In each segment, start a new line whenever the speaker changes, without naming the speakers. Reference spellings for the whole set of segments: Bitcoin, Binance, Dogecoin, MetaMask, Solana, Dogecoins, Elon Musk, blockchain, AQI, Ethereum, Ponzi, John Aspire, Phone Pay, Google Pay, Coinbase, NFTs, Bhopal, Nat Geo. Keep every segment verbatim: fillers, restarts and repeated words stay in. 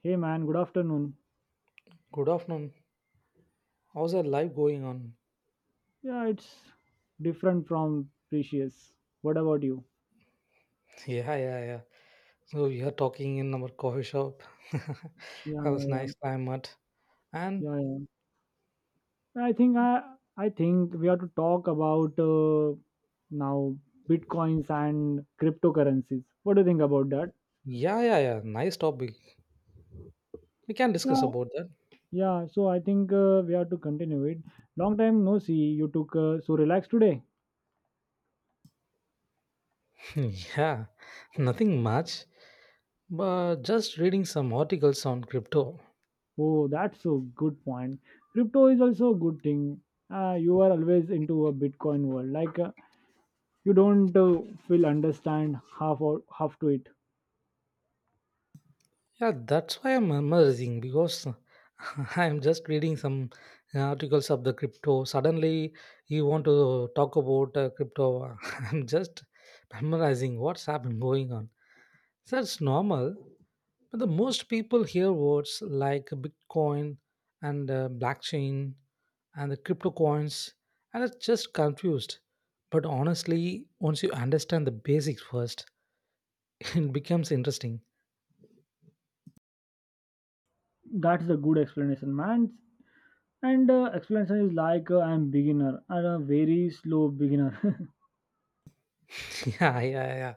Hey man, good afternoon.
Good afternoon. How's your life going on?
Yeah, it's different from previous. What about you?
Yeah, yeah, yeah. So we are talking in our coffee shop.
Yeah,
that
yeah,
was
yeah,
nice time at and
yeah, yeah. I think I, I think we have to talk about uh, now bitcoins and cryptocurrencies. What do you think about that?
yeah, yeah, yeah. Nice topic. We can discuss
Yeah,
about that.
yeah. So I think uh, we have to continue it. Long time no see. You took uh, so relaxed today.
yeah, nothing much, but just reading some articles on crypto.
Oh, that's a good point. Crypto is also a good thing. Uh, you are always into a Bitcoin world. Like uh, you don't uh, will understand half or half to it.
Yeah, that's why I'm amazing because I'm just reading some articles of the crypto. Suddenly, you want to talk about uh, crypto. I'm just memorizing what's happened going on. That's normal. But the most people hear words like Bitcoin and uh, blockchain and the crypto coins and are just confused. But honestly, once you understand the basics first, it becomes interesting.
That's a good explanation, man. And uh, explanation is like uh, I'm beginner. I'm a very slow beginner.
yeah, yeah, yeah.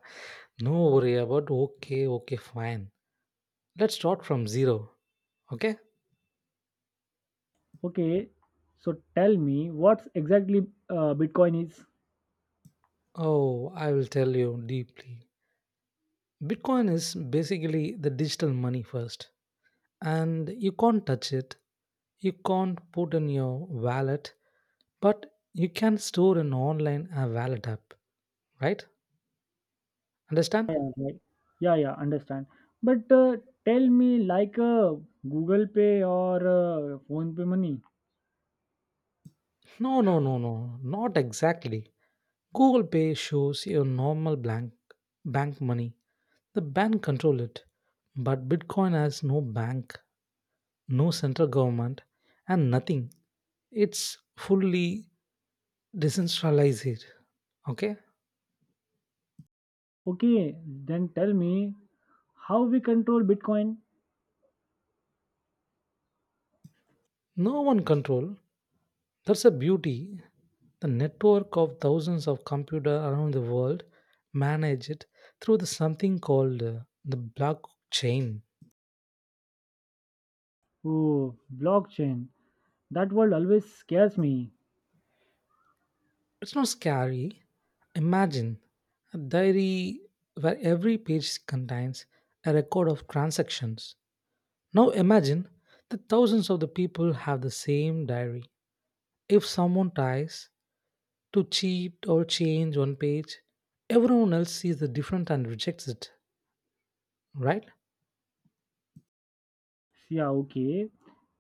No worry about okay, okay, fine. Let's start from zero, okay?
Okay, so tell me what's exactly uh, Bitcoin is.
Oh, I will tell you deeply. Bitcoin is basically the digital money first, and you can't touch it, you can't put in your wallet, but you can store an online uh, wallet app right understand
Yeah, right. Yeah, yeah, understand. But uh, tell me like uh, Google Pay or uh, Phone Pay money.
no no no no not exactly. Google Pay shows your normal blank bank money. The bank control it, but Bitcoin has no bank, no central government, and nothing. It's fully decentralized, okay?
Okay, then tell me how we control Bitcoin.
No one control. That's the beauty. The network of thousands of computers around the world manage it through the something called uh, the blockchain.
Oh, blockchain. That word always scares me.
It's not scary. Imagine a diary where every page contains a record of transactions. Now imagine that thousands of the people have the same diary. If someone tries to cheat or change one page, everyone else sees the different and rejects it, right?
Yeah, okay.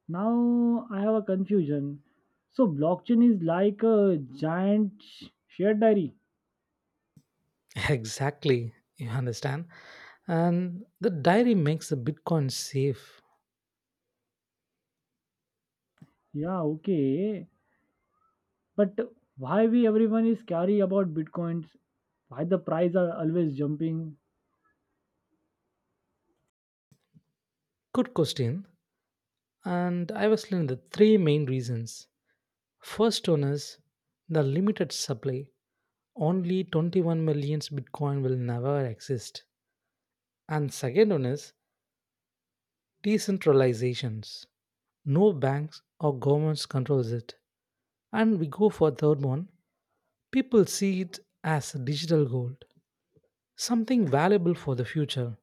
Now I have a confusion. So blockchain is like a giant sh- shared diary.
Exactly, you understand. And the diary makes the Bitcoin safe.
Yeah, okay. But why we everyone is scary about bitcoins? Why the price are always jumping?
Good question. And I was learning the three main reasons. First one is the limited supply. Only twenty-one million Bitcoin will never exist. And second one is decentralizations. No banks or governments controls it. And we go for third one. People see it as digital gold, something valuable for the future.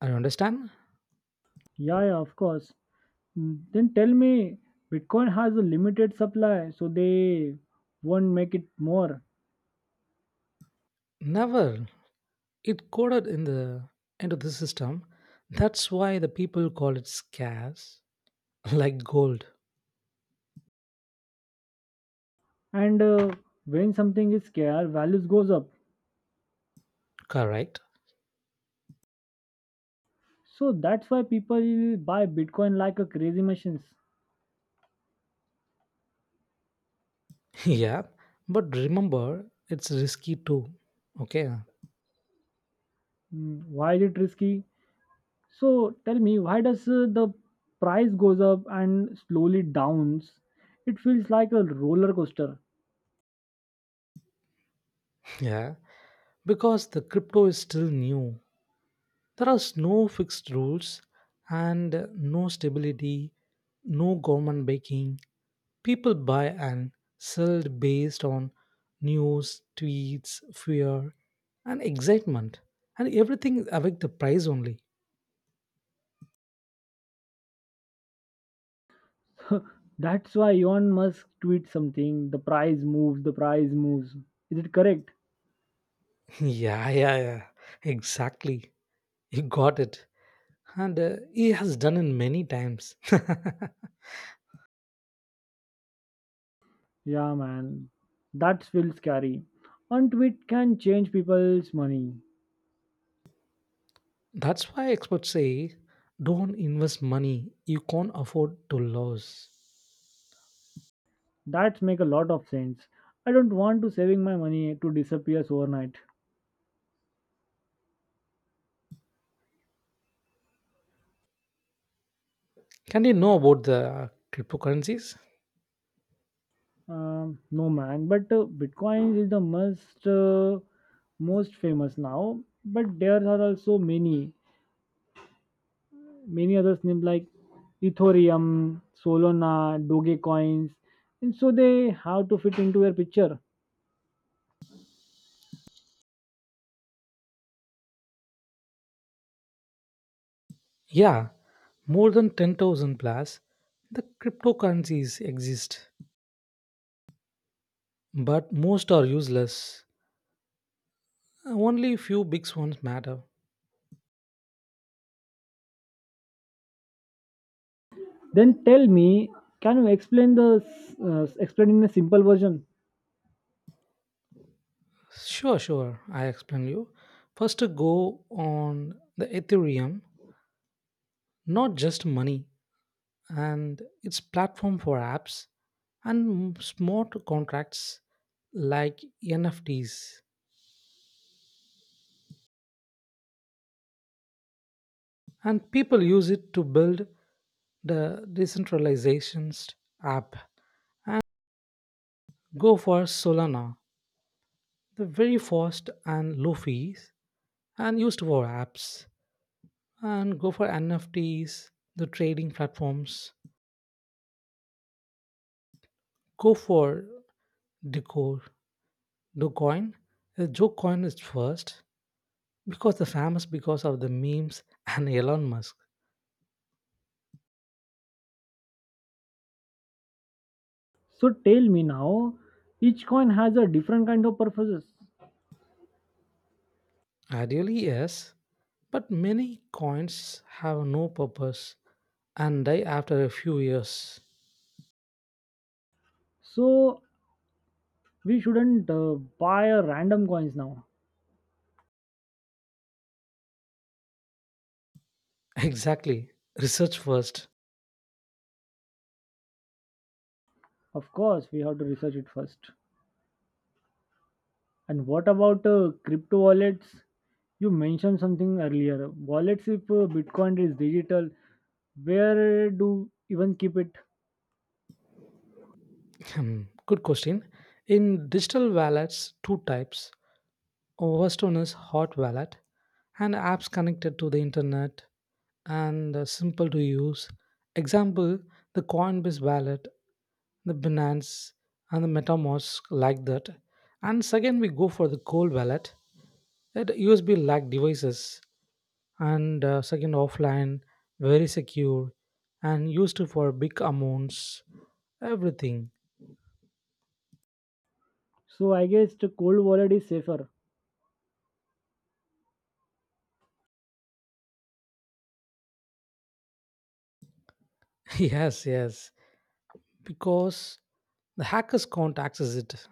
I understand.
Yeah, yeah, of course. Mm, then tell me, Bitcoin has a limited supply, so they won't make it more.
Never. It coded in the into the system. That's why the people call it scarce, like gold.
And uh, when something is scarce, values goes up.
Correct.
So that's why people buy Bitcoin like a crazy machines.
Yeah. But remember, it's risky too. Okay.
Mm, why is it risky? So tell me, why does uh, the price goes up and slowly downs? It feels like a roller coaster.
Yeah. Because the crypto is still new. There are no fixed rules and no stability, no government backing. People buy and sell based on news, tweets, fear, and excitement, and everything affect the price only.
That's why Elon Musk tweets something. The price moves. The price moves. Is it correct?
yeah, yeah, yeah, exactly. You got it, and uh, he has done it many times.
Yeah, man. That feels scary. One tweet can change people's money.
That's why experts say don't invest money you can't afford to lose.
That make a lot of sense. I don't want to saving my money to disappears overnight.
Can you know about the cryptocurrencies?
Um, no man, but uh, Bitcoin is the most uh, most famous now. But there are also many many others named like Ethereum, Solana, Dogecoins, and so they have to fit into your picture.
Yeah, more than ten thousand plus the cryptocurrencies exist. But most are useless. Only few big ones matter.
Then tell me, can you explain the uh, explain in a simple version?
Sure, sure, I explain you. First, go on the Ethereum, not just money, and its platform for apps and smart contracts like N F Ts. And people use it to build the decentralizations app. Go for Solana, the very fast and low fees and used for apps. And go for N F Ts, the trading platforms. Go for Decor, the coin. The joke coin is first because the famous because of the memes and Elon Musk.
So tell me now, each coin has a different kind of purposes.
Ideally, yes, but many coins have no purpose and die after a few years.
So we shouldn't uh, buy a random coins now.
Exactly. Research first.
Of course, we have to research it first. And what about uh, crypto wallets? You mentioned something earlier. Wallets, if uh, Bitcoin is digital, where do even keep it?
Hmm, good question. In digital wallets, two types. Western is hot wallet and apps connected to the internet and uh, simple to use. Example, the Coinbase wallet, the Binance and the MetaMask like that. And second, we go for the cold wallet, that U S B like devices and uh, second offline, very secure and used for big amounts, everything.
So I guess the cold wallet is safer
yes, yes, because the hackers can't access it.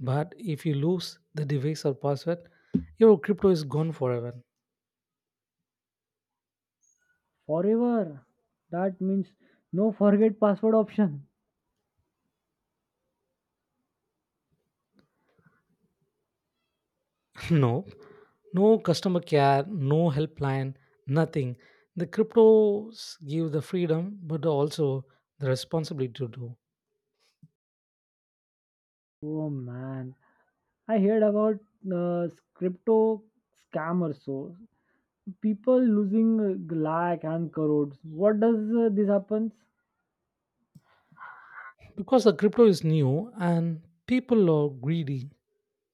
But if you lose the device or password, your crypto is gone forever.
forever. That means no forget password option.
no, no customer care, no helpline, nothing. The cryptos give the freedom, but also the responsibility to do.
Oh man, I heard about uh, crypto scammers. So people losing uh, lakh and crores. What does uh, this happens?
Because the crypto is new and people are greedy,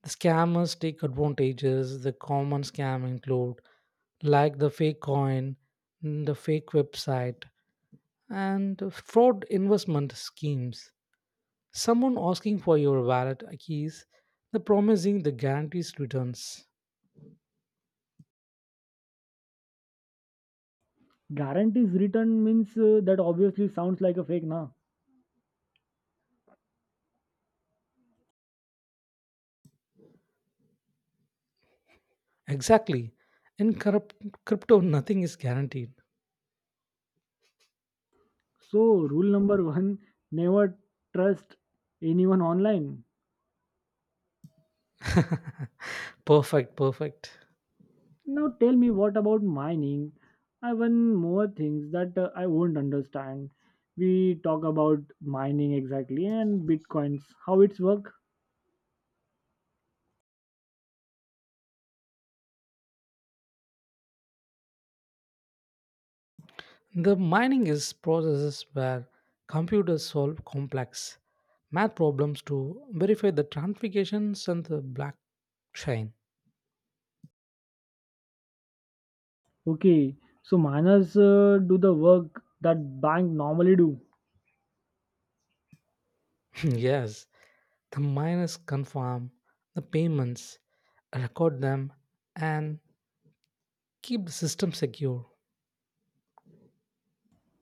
the scammers take advantages. The common scam include like the fake coin, the fake website, and fraud investment schemes. Someone asking for your wallet keys, the promising the guarantees returns.
Guarantees return means uh, that obviously sounds like a fake, na?
Exactly. In corrupt crypto, nothing is guaranteed.
So, rule number one, never trust anyone online.
perfect, perfect.
Now, tell me what about mining? I one more things that uh, I won't understand. We talk about mining exactly and bitcoins, how it's work.
The mining is processes where computers solve complex math problems to verify the transactions and the blockchain.
Okay, so miners uh, do the work that bank normally do,
yes, the miners confirm the payments, record them, and keep the system secure.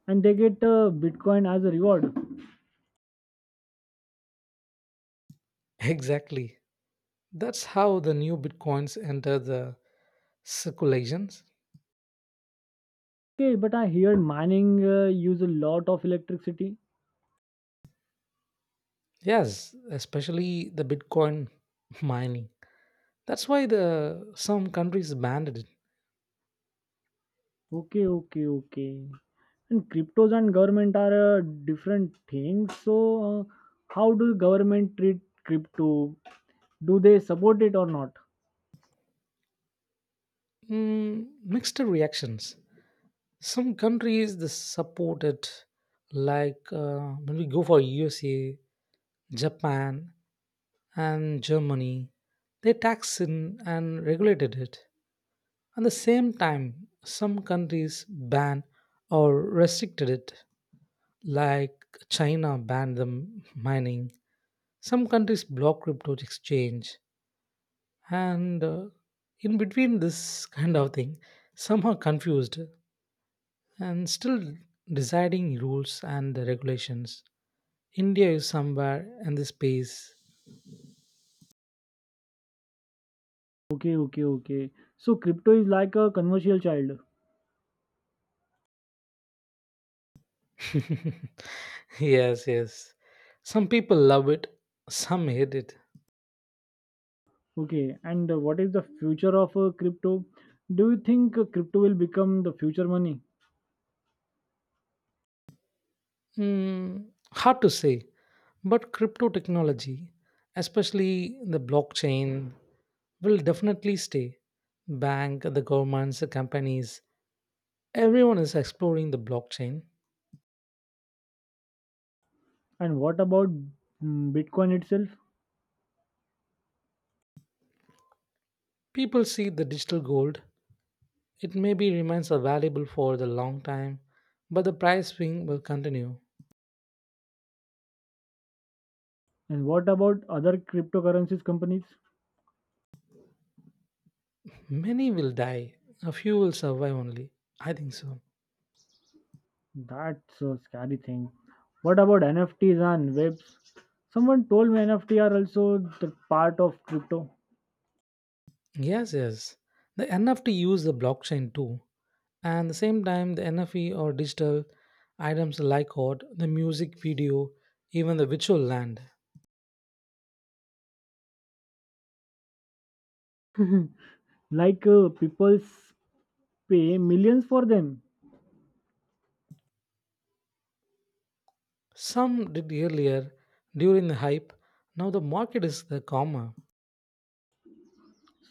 and they get uh, bitcoin as a reward.
Exactly. That's how the new bitcoins enter the circulations.
Okay, but I heard mining uh, use a lot of electricity.
Yes, especially the Bitcoin mining. That's why the some countries banned it.
Okay, okay, okay. And cryptos and government are uh, different things. So, uh, how do government treat crypto? Do they support it or not?
Mm, mixed reactions. Some countries they support it, like uh, when we go for U S A, Japan, and Germany, they tax it and regulated it. At the same time, some countries ban or restricted it. Like China banned the m- mining. Some countries block crypto exchange, and uh, in between this kind of thing, some are confused and still deciding rules and the regulations. India is somewhere in the space.
Okay, okay, okay. So, crypto is like a commercial child.
yes, yes. Some people love it, some hate it.
Okay, and uh, what is the future of uh, crypto? Do you think uh, crypto will become the future money?
Mm, hard to say, but crypto technology, especially the blockchain will definitely stay. Bank, the governments, the companies, everyone is exploring the blockchain.
And what about mm, Bitcoin itself?
People see the digital gold. It maybe remains valuable for the long time, but the price swing will continue.
And what about other cryptocurrencies companies?
Many will die. A few will survive only. I think so.
That's a scary thing. What about N F Ts and webs? Someone told me N F T are also the part of crypto.
Yes, yes. The N F T use the blockchain too. And the same time, the N F E or digital items like art, the music video, even the virtual land.
Like uh, people pay millions for them.
Some did earlier during the hype. Now the market is the calmer.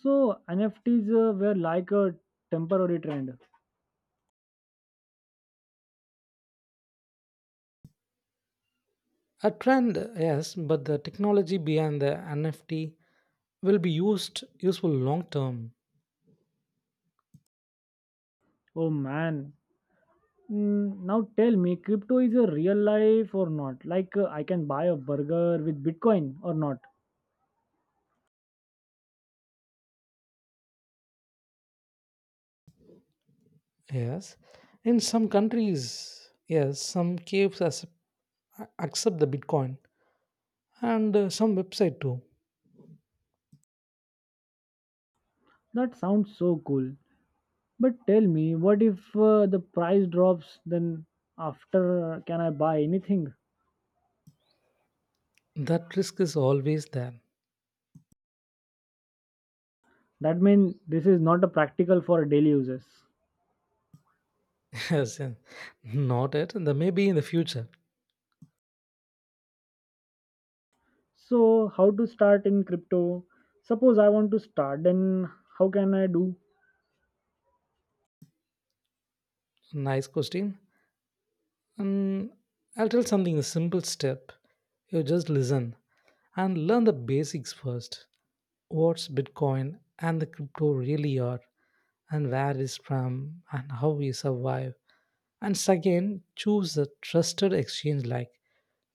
So N F Ts uh, were like a temporary trend.
A trend, yes, but the technology behind the N F T will be used useful long term.
Oh man. Mm, now tell me, crypto is a real life or not? Like uh, I can buy a burger with Bitcoin or not?
Yes, in some countries, yes, some caves accept accept the Bitcoin and uh, some website too.
That sounds so cool. But tell me, what if uh, the price drops? Then after, uh, can I buy anything?
That risk is always there.
That means this is not a practical for daily uses.
Yes, yes. Not it. The maybe in the future.
So how to start in crypto? Suppose I want to start, then how can I do?
Nice question. Um, I'll tell something a simple step. You just listen and learn the basics first. What's Bitcoin and the crypto really are, and where it's from, and how we survive. And second, choose a trusted exchange like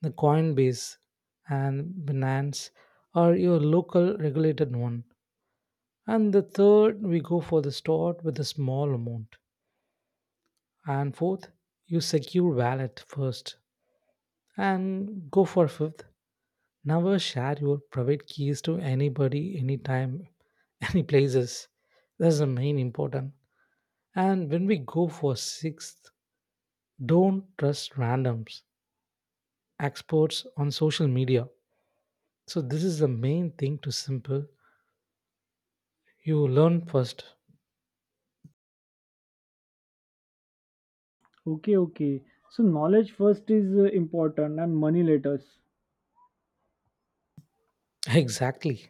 the Coinbase and Binance or your local regulated one. And the third, we go for the start with a small amount. And fourth, you secure wallet first. And go for fifth, never share your private keys to anybody, anytime, any places. That's the main important. And when we go for sixth, don't trust randoms, experts on social media. So this is the main thing to simple. You learn first.
Okay, okay. So knowledge first is uh, important, and money later.
Exactly.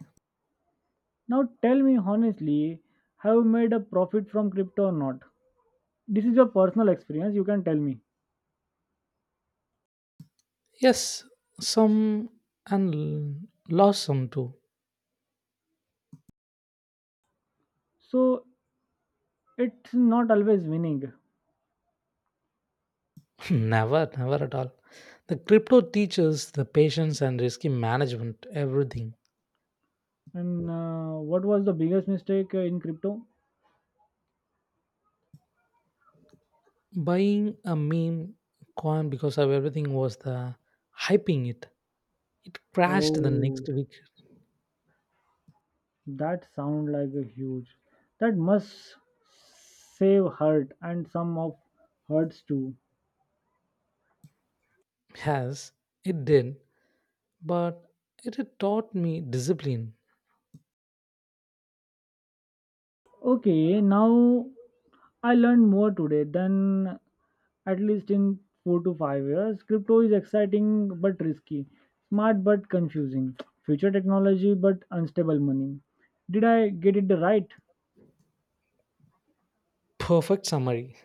Now tell me honestly, have you made a profit from crypto or not? This is your personal experience. You can tell me.
Yes, some and l- lost some too.
So it's not always winning.
never, never at all. The crypto teaches the patience and risky management, everything.
And uh, what was the biggest mistake uh, in crypto?
Buying a meme coin because of everything was the hyping it. It crashed the
Oh,
next week.
that sound like a huge. That must save hurt and some of hurts too.
Yes, it did. But it had taught me discipline.
Okay, now I learned more today than at least in four to five years. Crypto is exciting but risky, smart but confusing, future technology but unstable money. Did I get it right?
Perfect summary.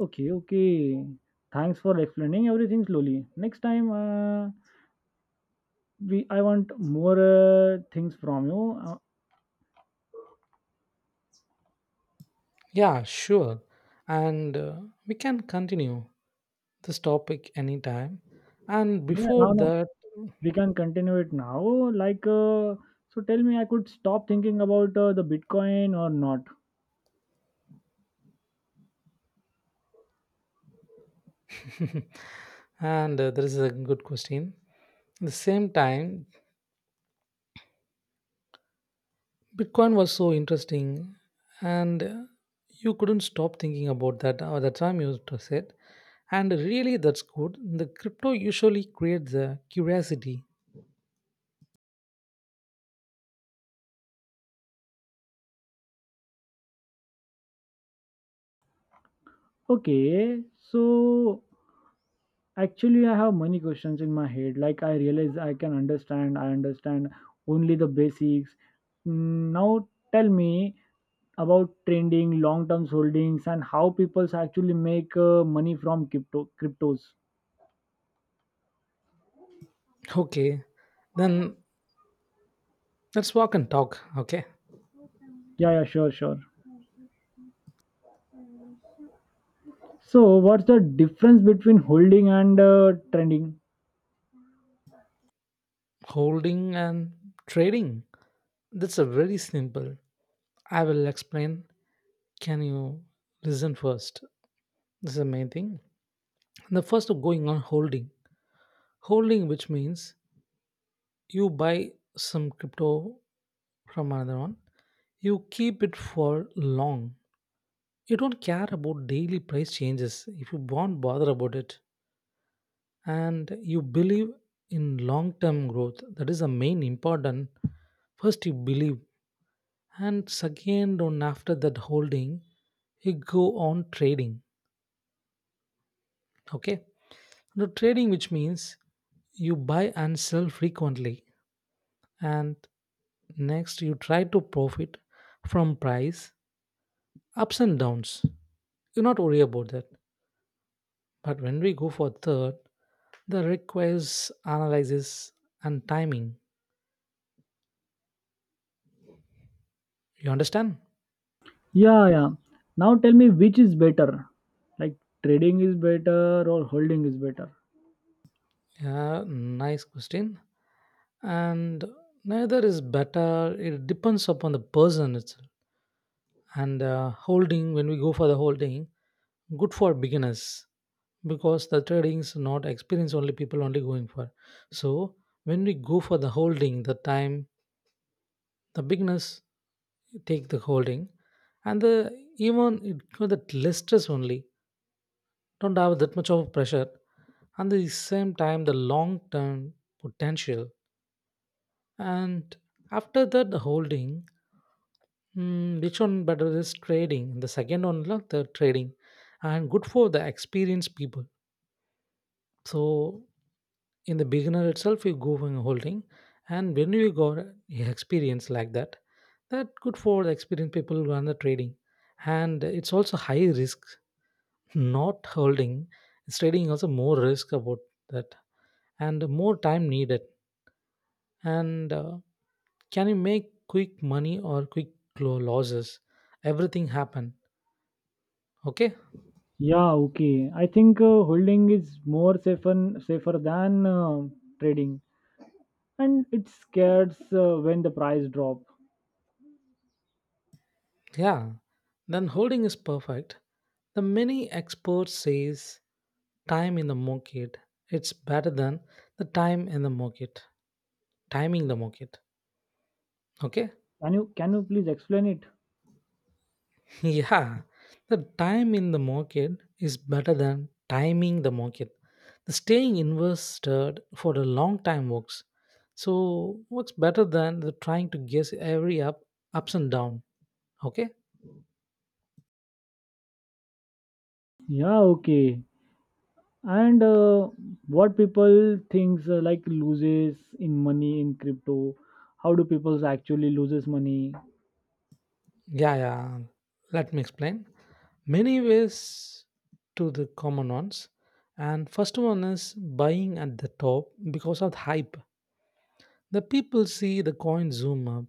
Okay, okay. Thanks for explaining everything slowly. Next time, uh, we I want more uh, things from you. Uh,
Yeah, sure. And uh, we can continue this topic anytime. And
yeah,
before
now now
that,
we can continue it now. Like, uh, so tell me, I could stop thinking about uh, the Bitcoin or not?
and uh, there is a good question. At the same time, Bitcoin was so interesting, and uh, you couldn't stop thinking about that at the time you t- said. And really, that's good. The crypto usually creates the curiosity.
Okay, so actually I have many questions in my head like I realize I can understand I understand only the basics. Mm, now tell me about trending long term holdings and how people actually make uh, money from crypto cryptos.
Okay, then let's walk and talk. Okay,
Yeah, yeah, sure, sure. So what's the difference between holding and uh, trending?
holding and trading. That's a very simple. I will explain. Can you listen first? This is the main thing. The first of going on holding, holding which means you buy some crypto from another one. You keep it for long. You don't care about daily price changes if you won't bother about it. And you believe in long term growth. That is the main important. First, you believe. And second, on after that holding, you go on trading. Okay. Now, trading, which means you buy and sell frequently. And next, you try to profit from price ups and downs. You not worry about that. But when we go for third, that requires analysis and timing. You understand?
Yeah, yeah. Now tell me which is better, like trading is better or holding is better.
Yeah, nice question. And neither is better. It depends upon the person itself. And uh, holding, when we go for the holding, good for beginners because the trading is not experienced only people only going for. So when we go for the holding, the time the beginners take the holding, and the even it got that less stress only, don't have that much of pressure and the same time the long term potential and after that the holding mm, which one better is trading the second one like the trading and good for the experienced people. So in the beginner itself, you go and holding, and when you got experience like that, that good for the experienced people who are the trading, and it's also high risk. Not holding, it's trading also more risk about that, and more time needed, and. Uh, can you make quick money or quick lo- losses, everything happen okay
Yeah, okay. I think uh, holding is more safer safer than uh, trading, and it scares uh, when the price drop.
yeah then holding is perfect. The many experts says time in the market it's better than the time in the market timing the market okay.
Can you can you please explain it?
yeah, the time in the market is better than timing the market, the staying invested for a long time works, so works better than the trying to guess every up ups and down, okay
Yeah, okay. And uh, what people thinks uh, like loses in money in crypto? How do people actually loses money?
yeah yeah. Let me explain many ways to the common ones. And first one is buying at the top because of the hype. The people see the coin zoom up,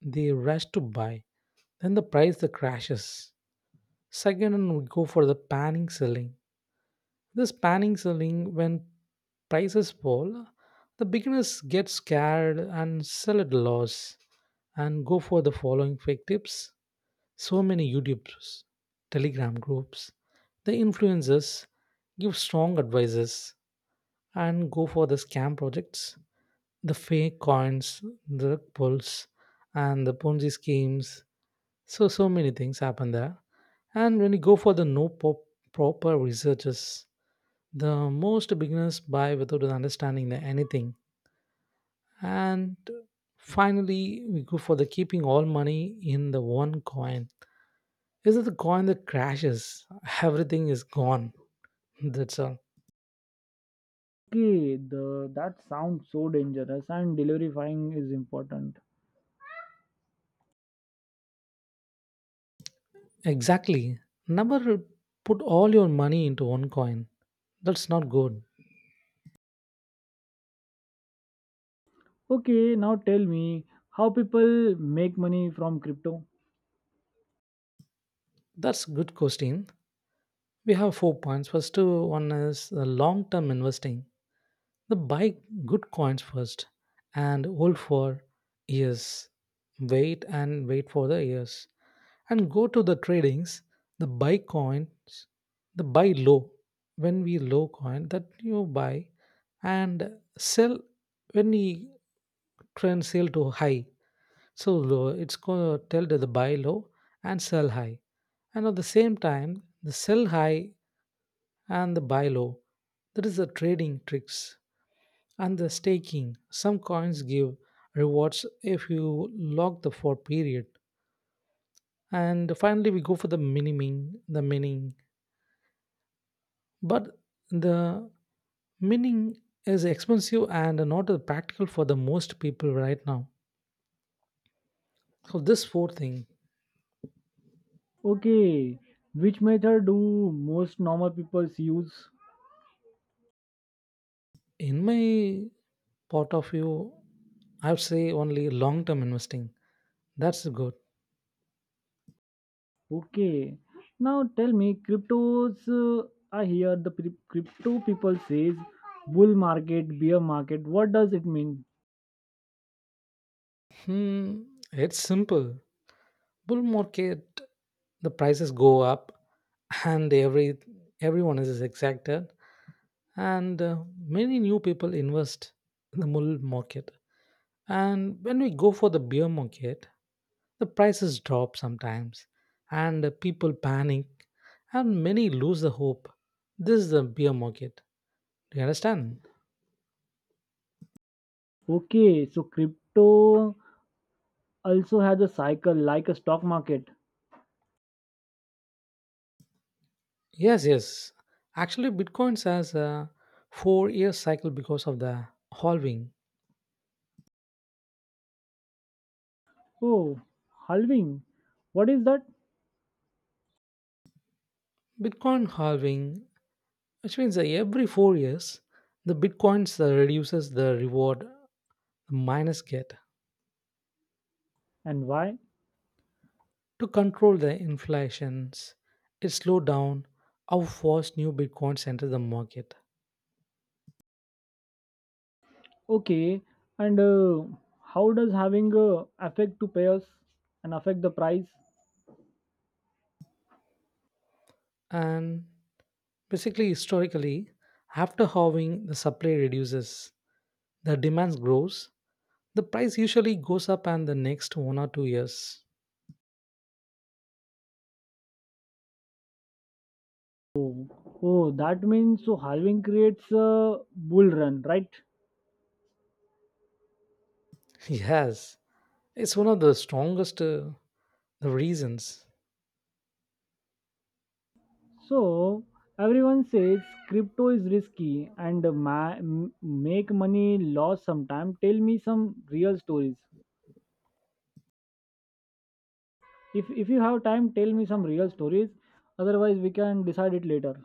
they rush to buy, then the price that crashes. Second, we go for the panning selling. This panning selling, when prices fall, the beginners get scared and sell at loss and go for the following fake tips. So many YouTubers, Telegram groups, the influencers give strong advices and go for the scam projects, the fake coins, the pulls, and the Ponzi schemes. So so many things happen there. And when you go for the no po- proper researches, the most beginners buy without understanding the anything. And finally, we go for the keeping all money in the one coin. Is it the coin that crashes? Everything is gone. That's all.
Okay, the that sounds so dangerous and delivering is important.
Exactly. Never put all your money into one coin. That's not good.
Okay, now tell me how people make money from crypto.
That's good question. We have four points. First two- one is the long-term investing. The buy good coins first and hold for years. Wait and wait for the years. And go to the tradings, the buy coins, the buy low. When we low coin that you buy and sell when we trend sell to high. So low, it's going to tell to the buy low and sell high. And at the same time, the sell high and the buy low, that is the trading tricks and the staking. Some coins give rewards if you lock the for period. And finally, we go for the miniming, the mining. But the mining is expensive and not practical for the most people right now. So this fourth thing
Okay, which method do most normal people use?
in my part of view, I would say only long term investing. That's good.
Okay, now tell me, cryptos. Uh, I hear the pri- crypto people says bull market, bear market. What does it mean?
Hmm, it's simple. Bull market, the prices go up, and every everyone is excited, and uh, many new people invest in the bull market. And when we go for the bear market, the prices drop sometimes, and uh, people panic, and many lose the hope. This is the bear market. Do you understand?
Okay, so crypto also has a cycle like a stock market.
Yes, yes. Actually, bitcoins has a four-year cycle because of the halving.
Oh, halving. What is that
Bitcoin halving, which means that every four years, the Bitcoins uh, reduces the reward miners get
and why?
to control the inflations. It slow down how fast new Bitcoins enter the market.
Okay, and uh, how does having a affect to payers and affect the price?
And basically, historically, after halving, the supply reduces, the demand grows, the price usually goes up, and the next one or two years.
Oh, oh, that means so halving creates a bull run, right?
Yes, it's one of the strongest uh, reasons.
So everyone says crypto is risky and ma- m- make money loss sometime. Tell me some real stories. If if you have time, tell me some real stories. Otherwise, we can decide it later.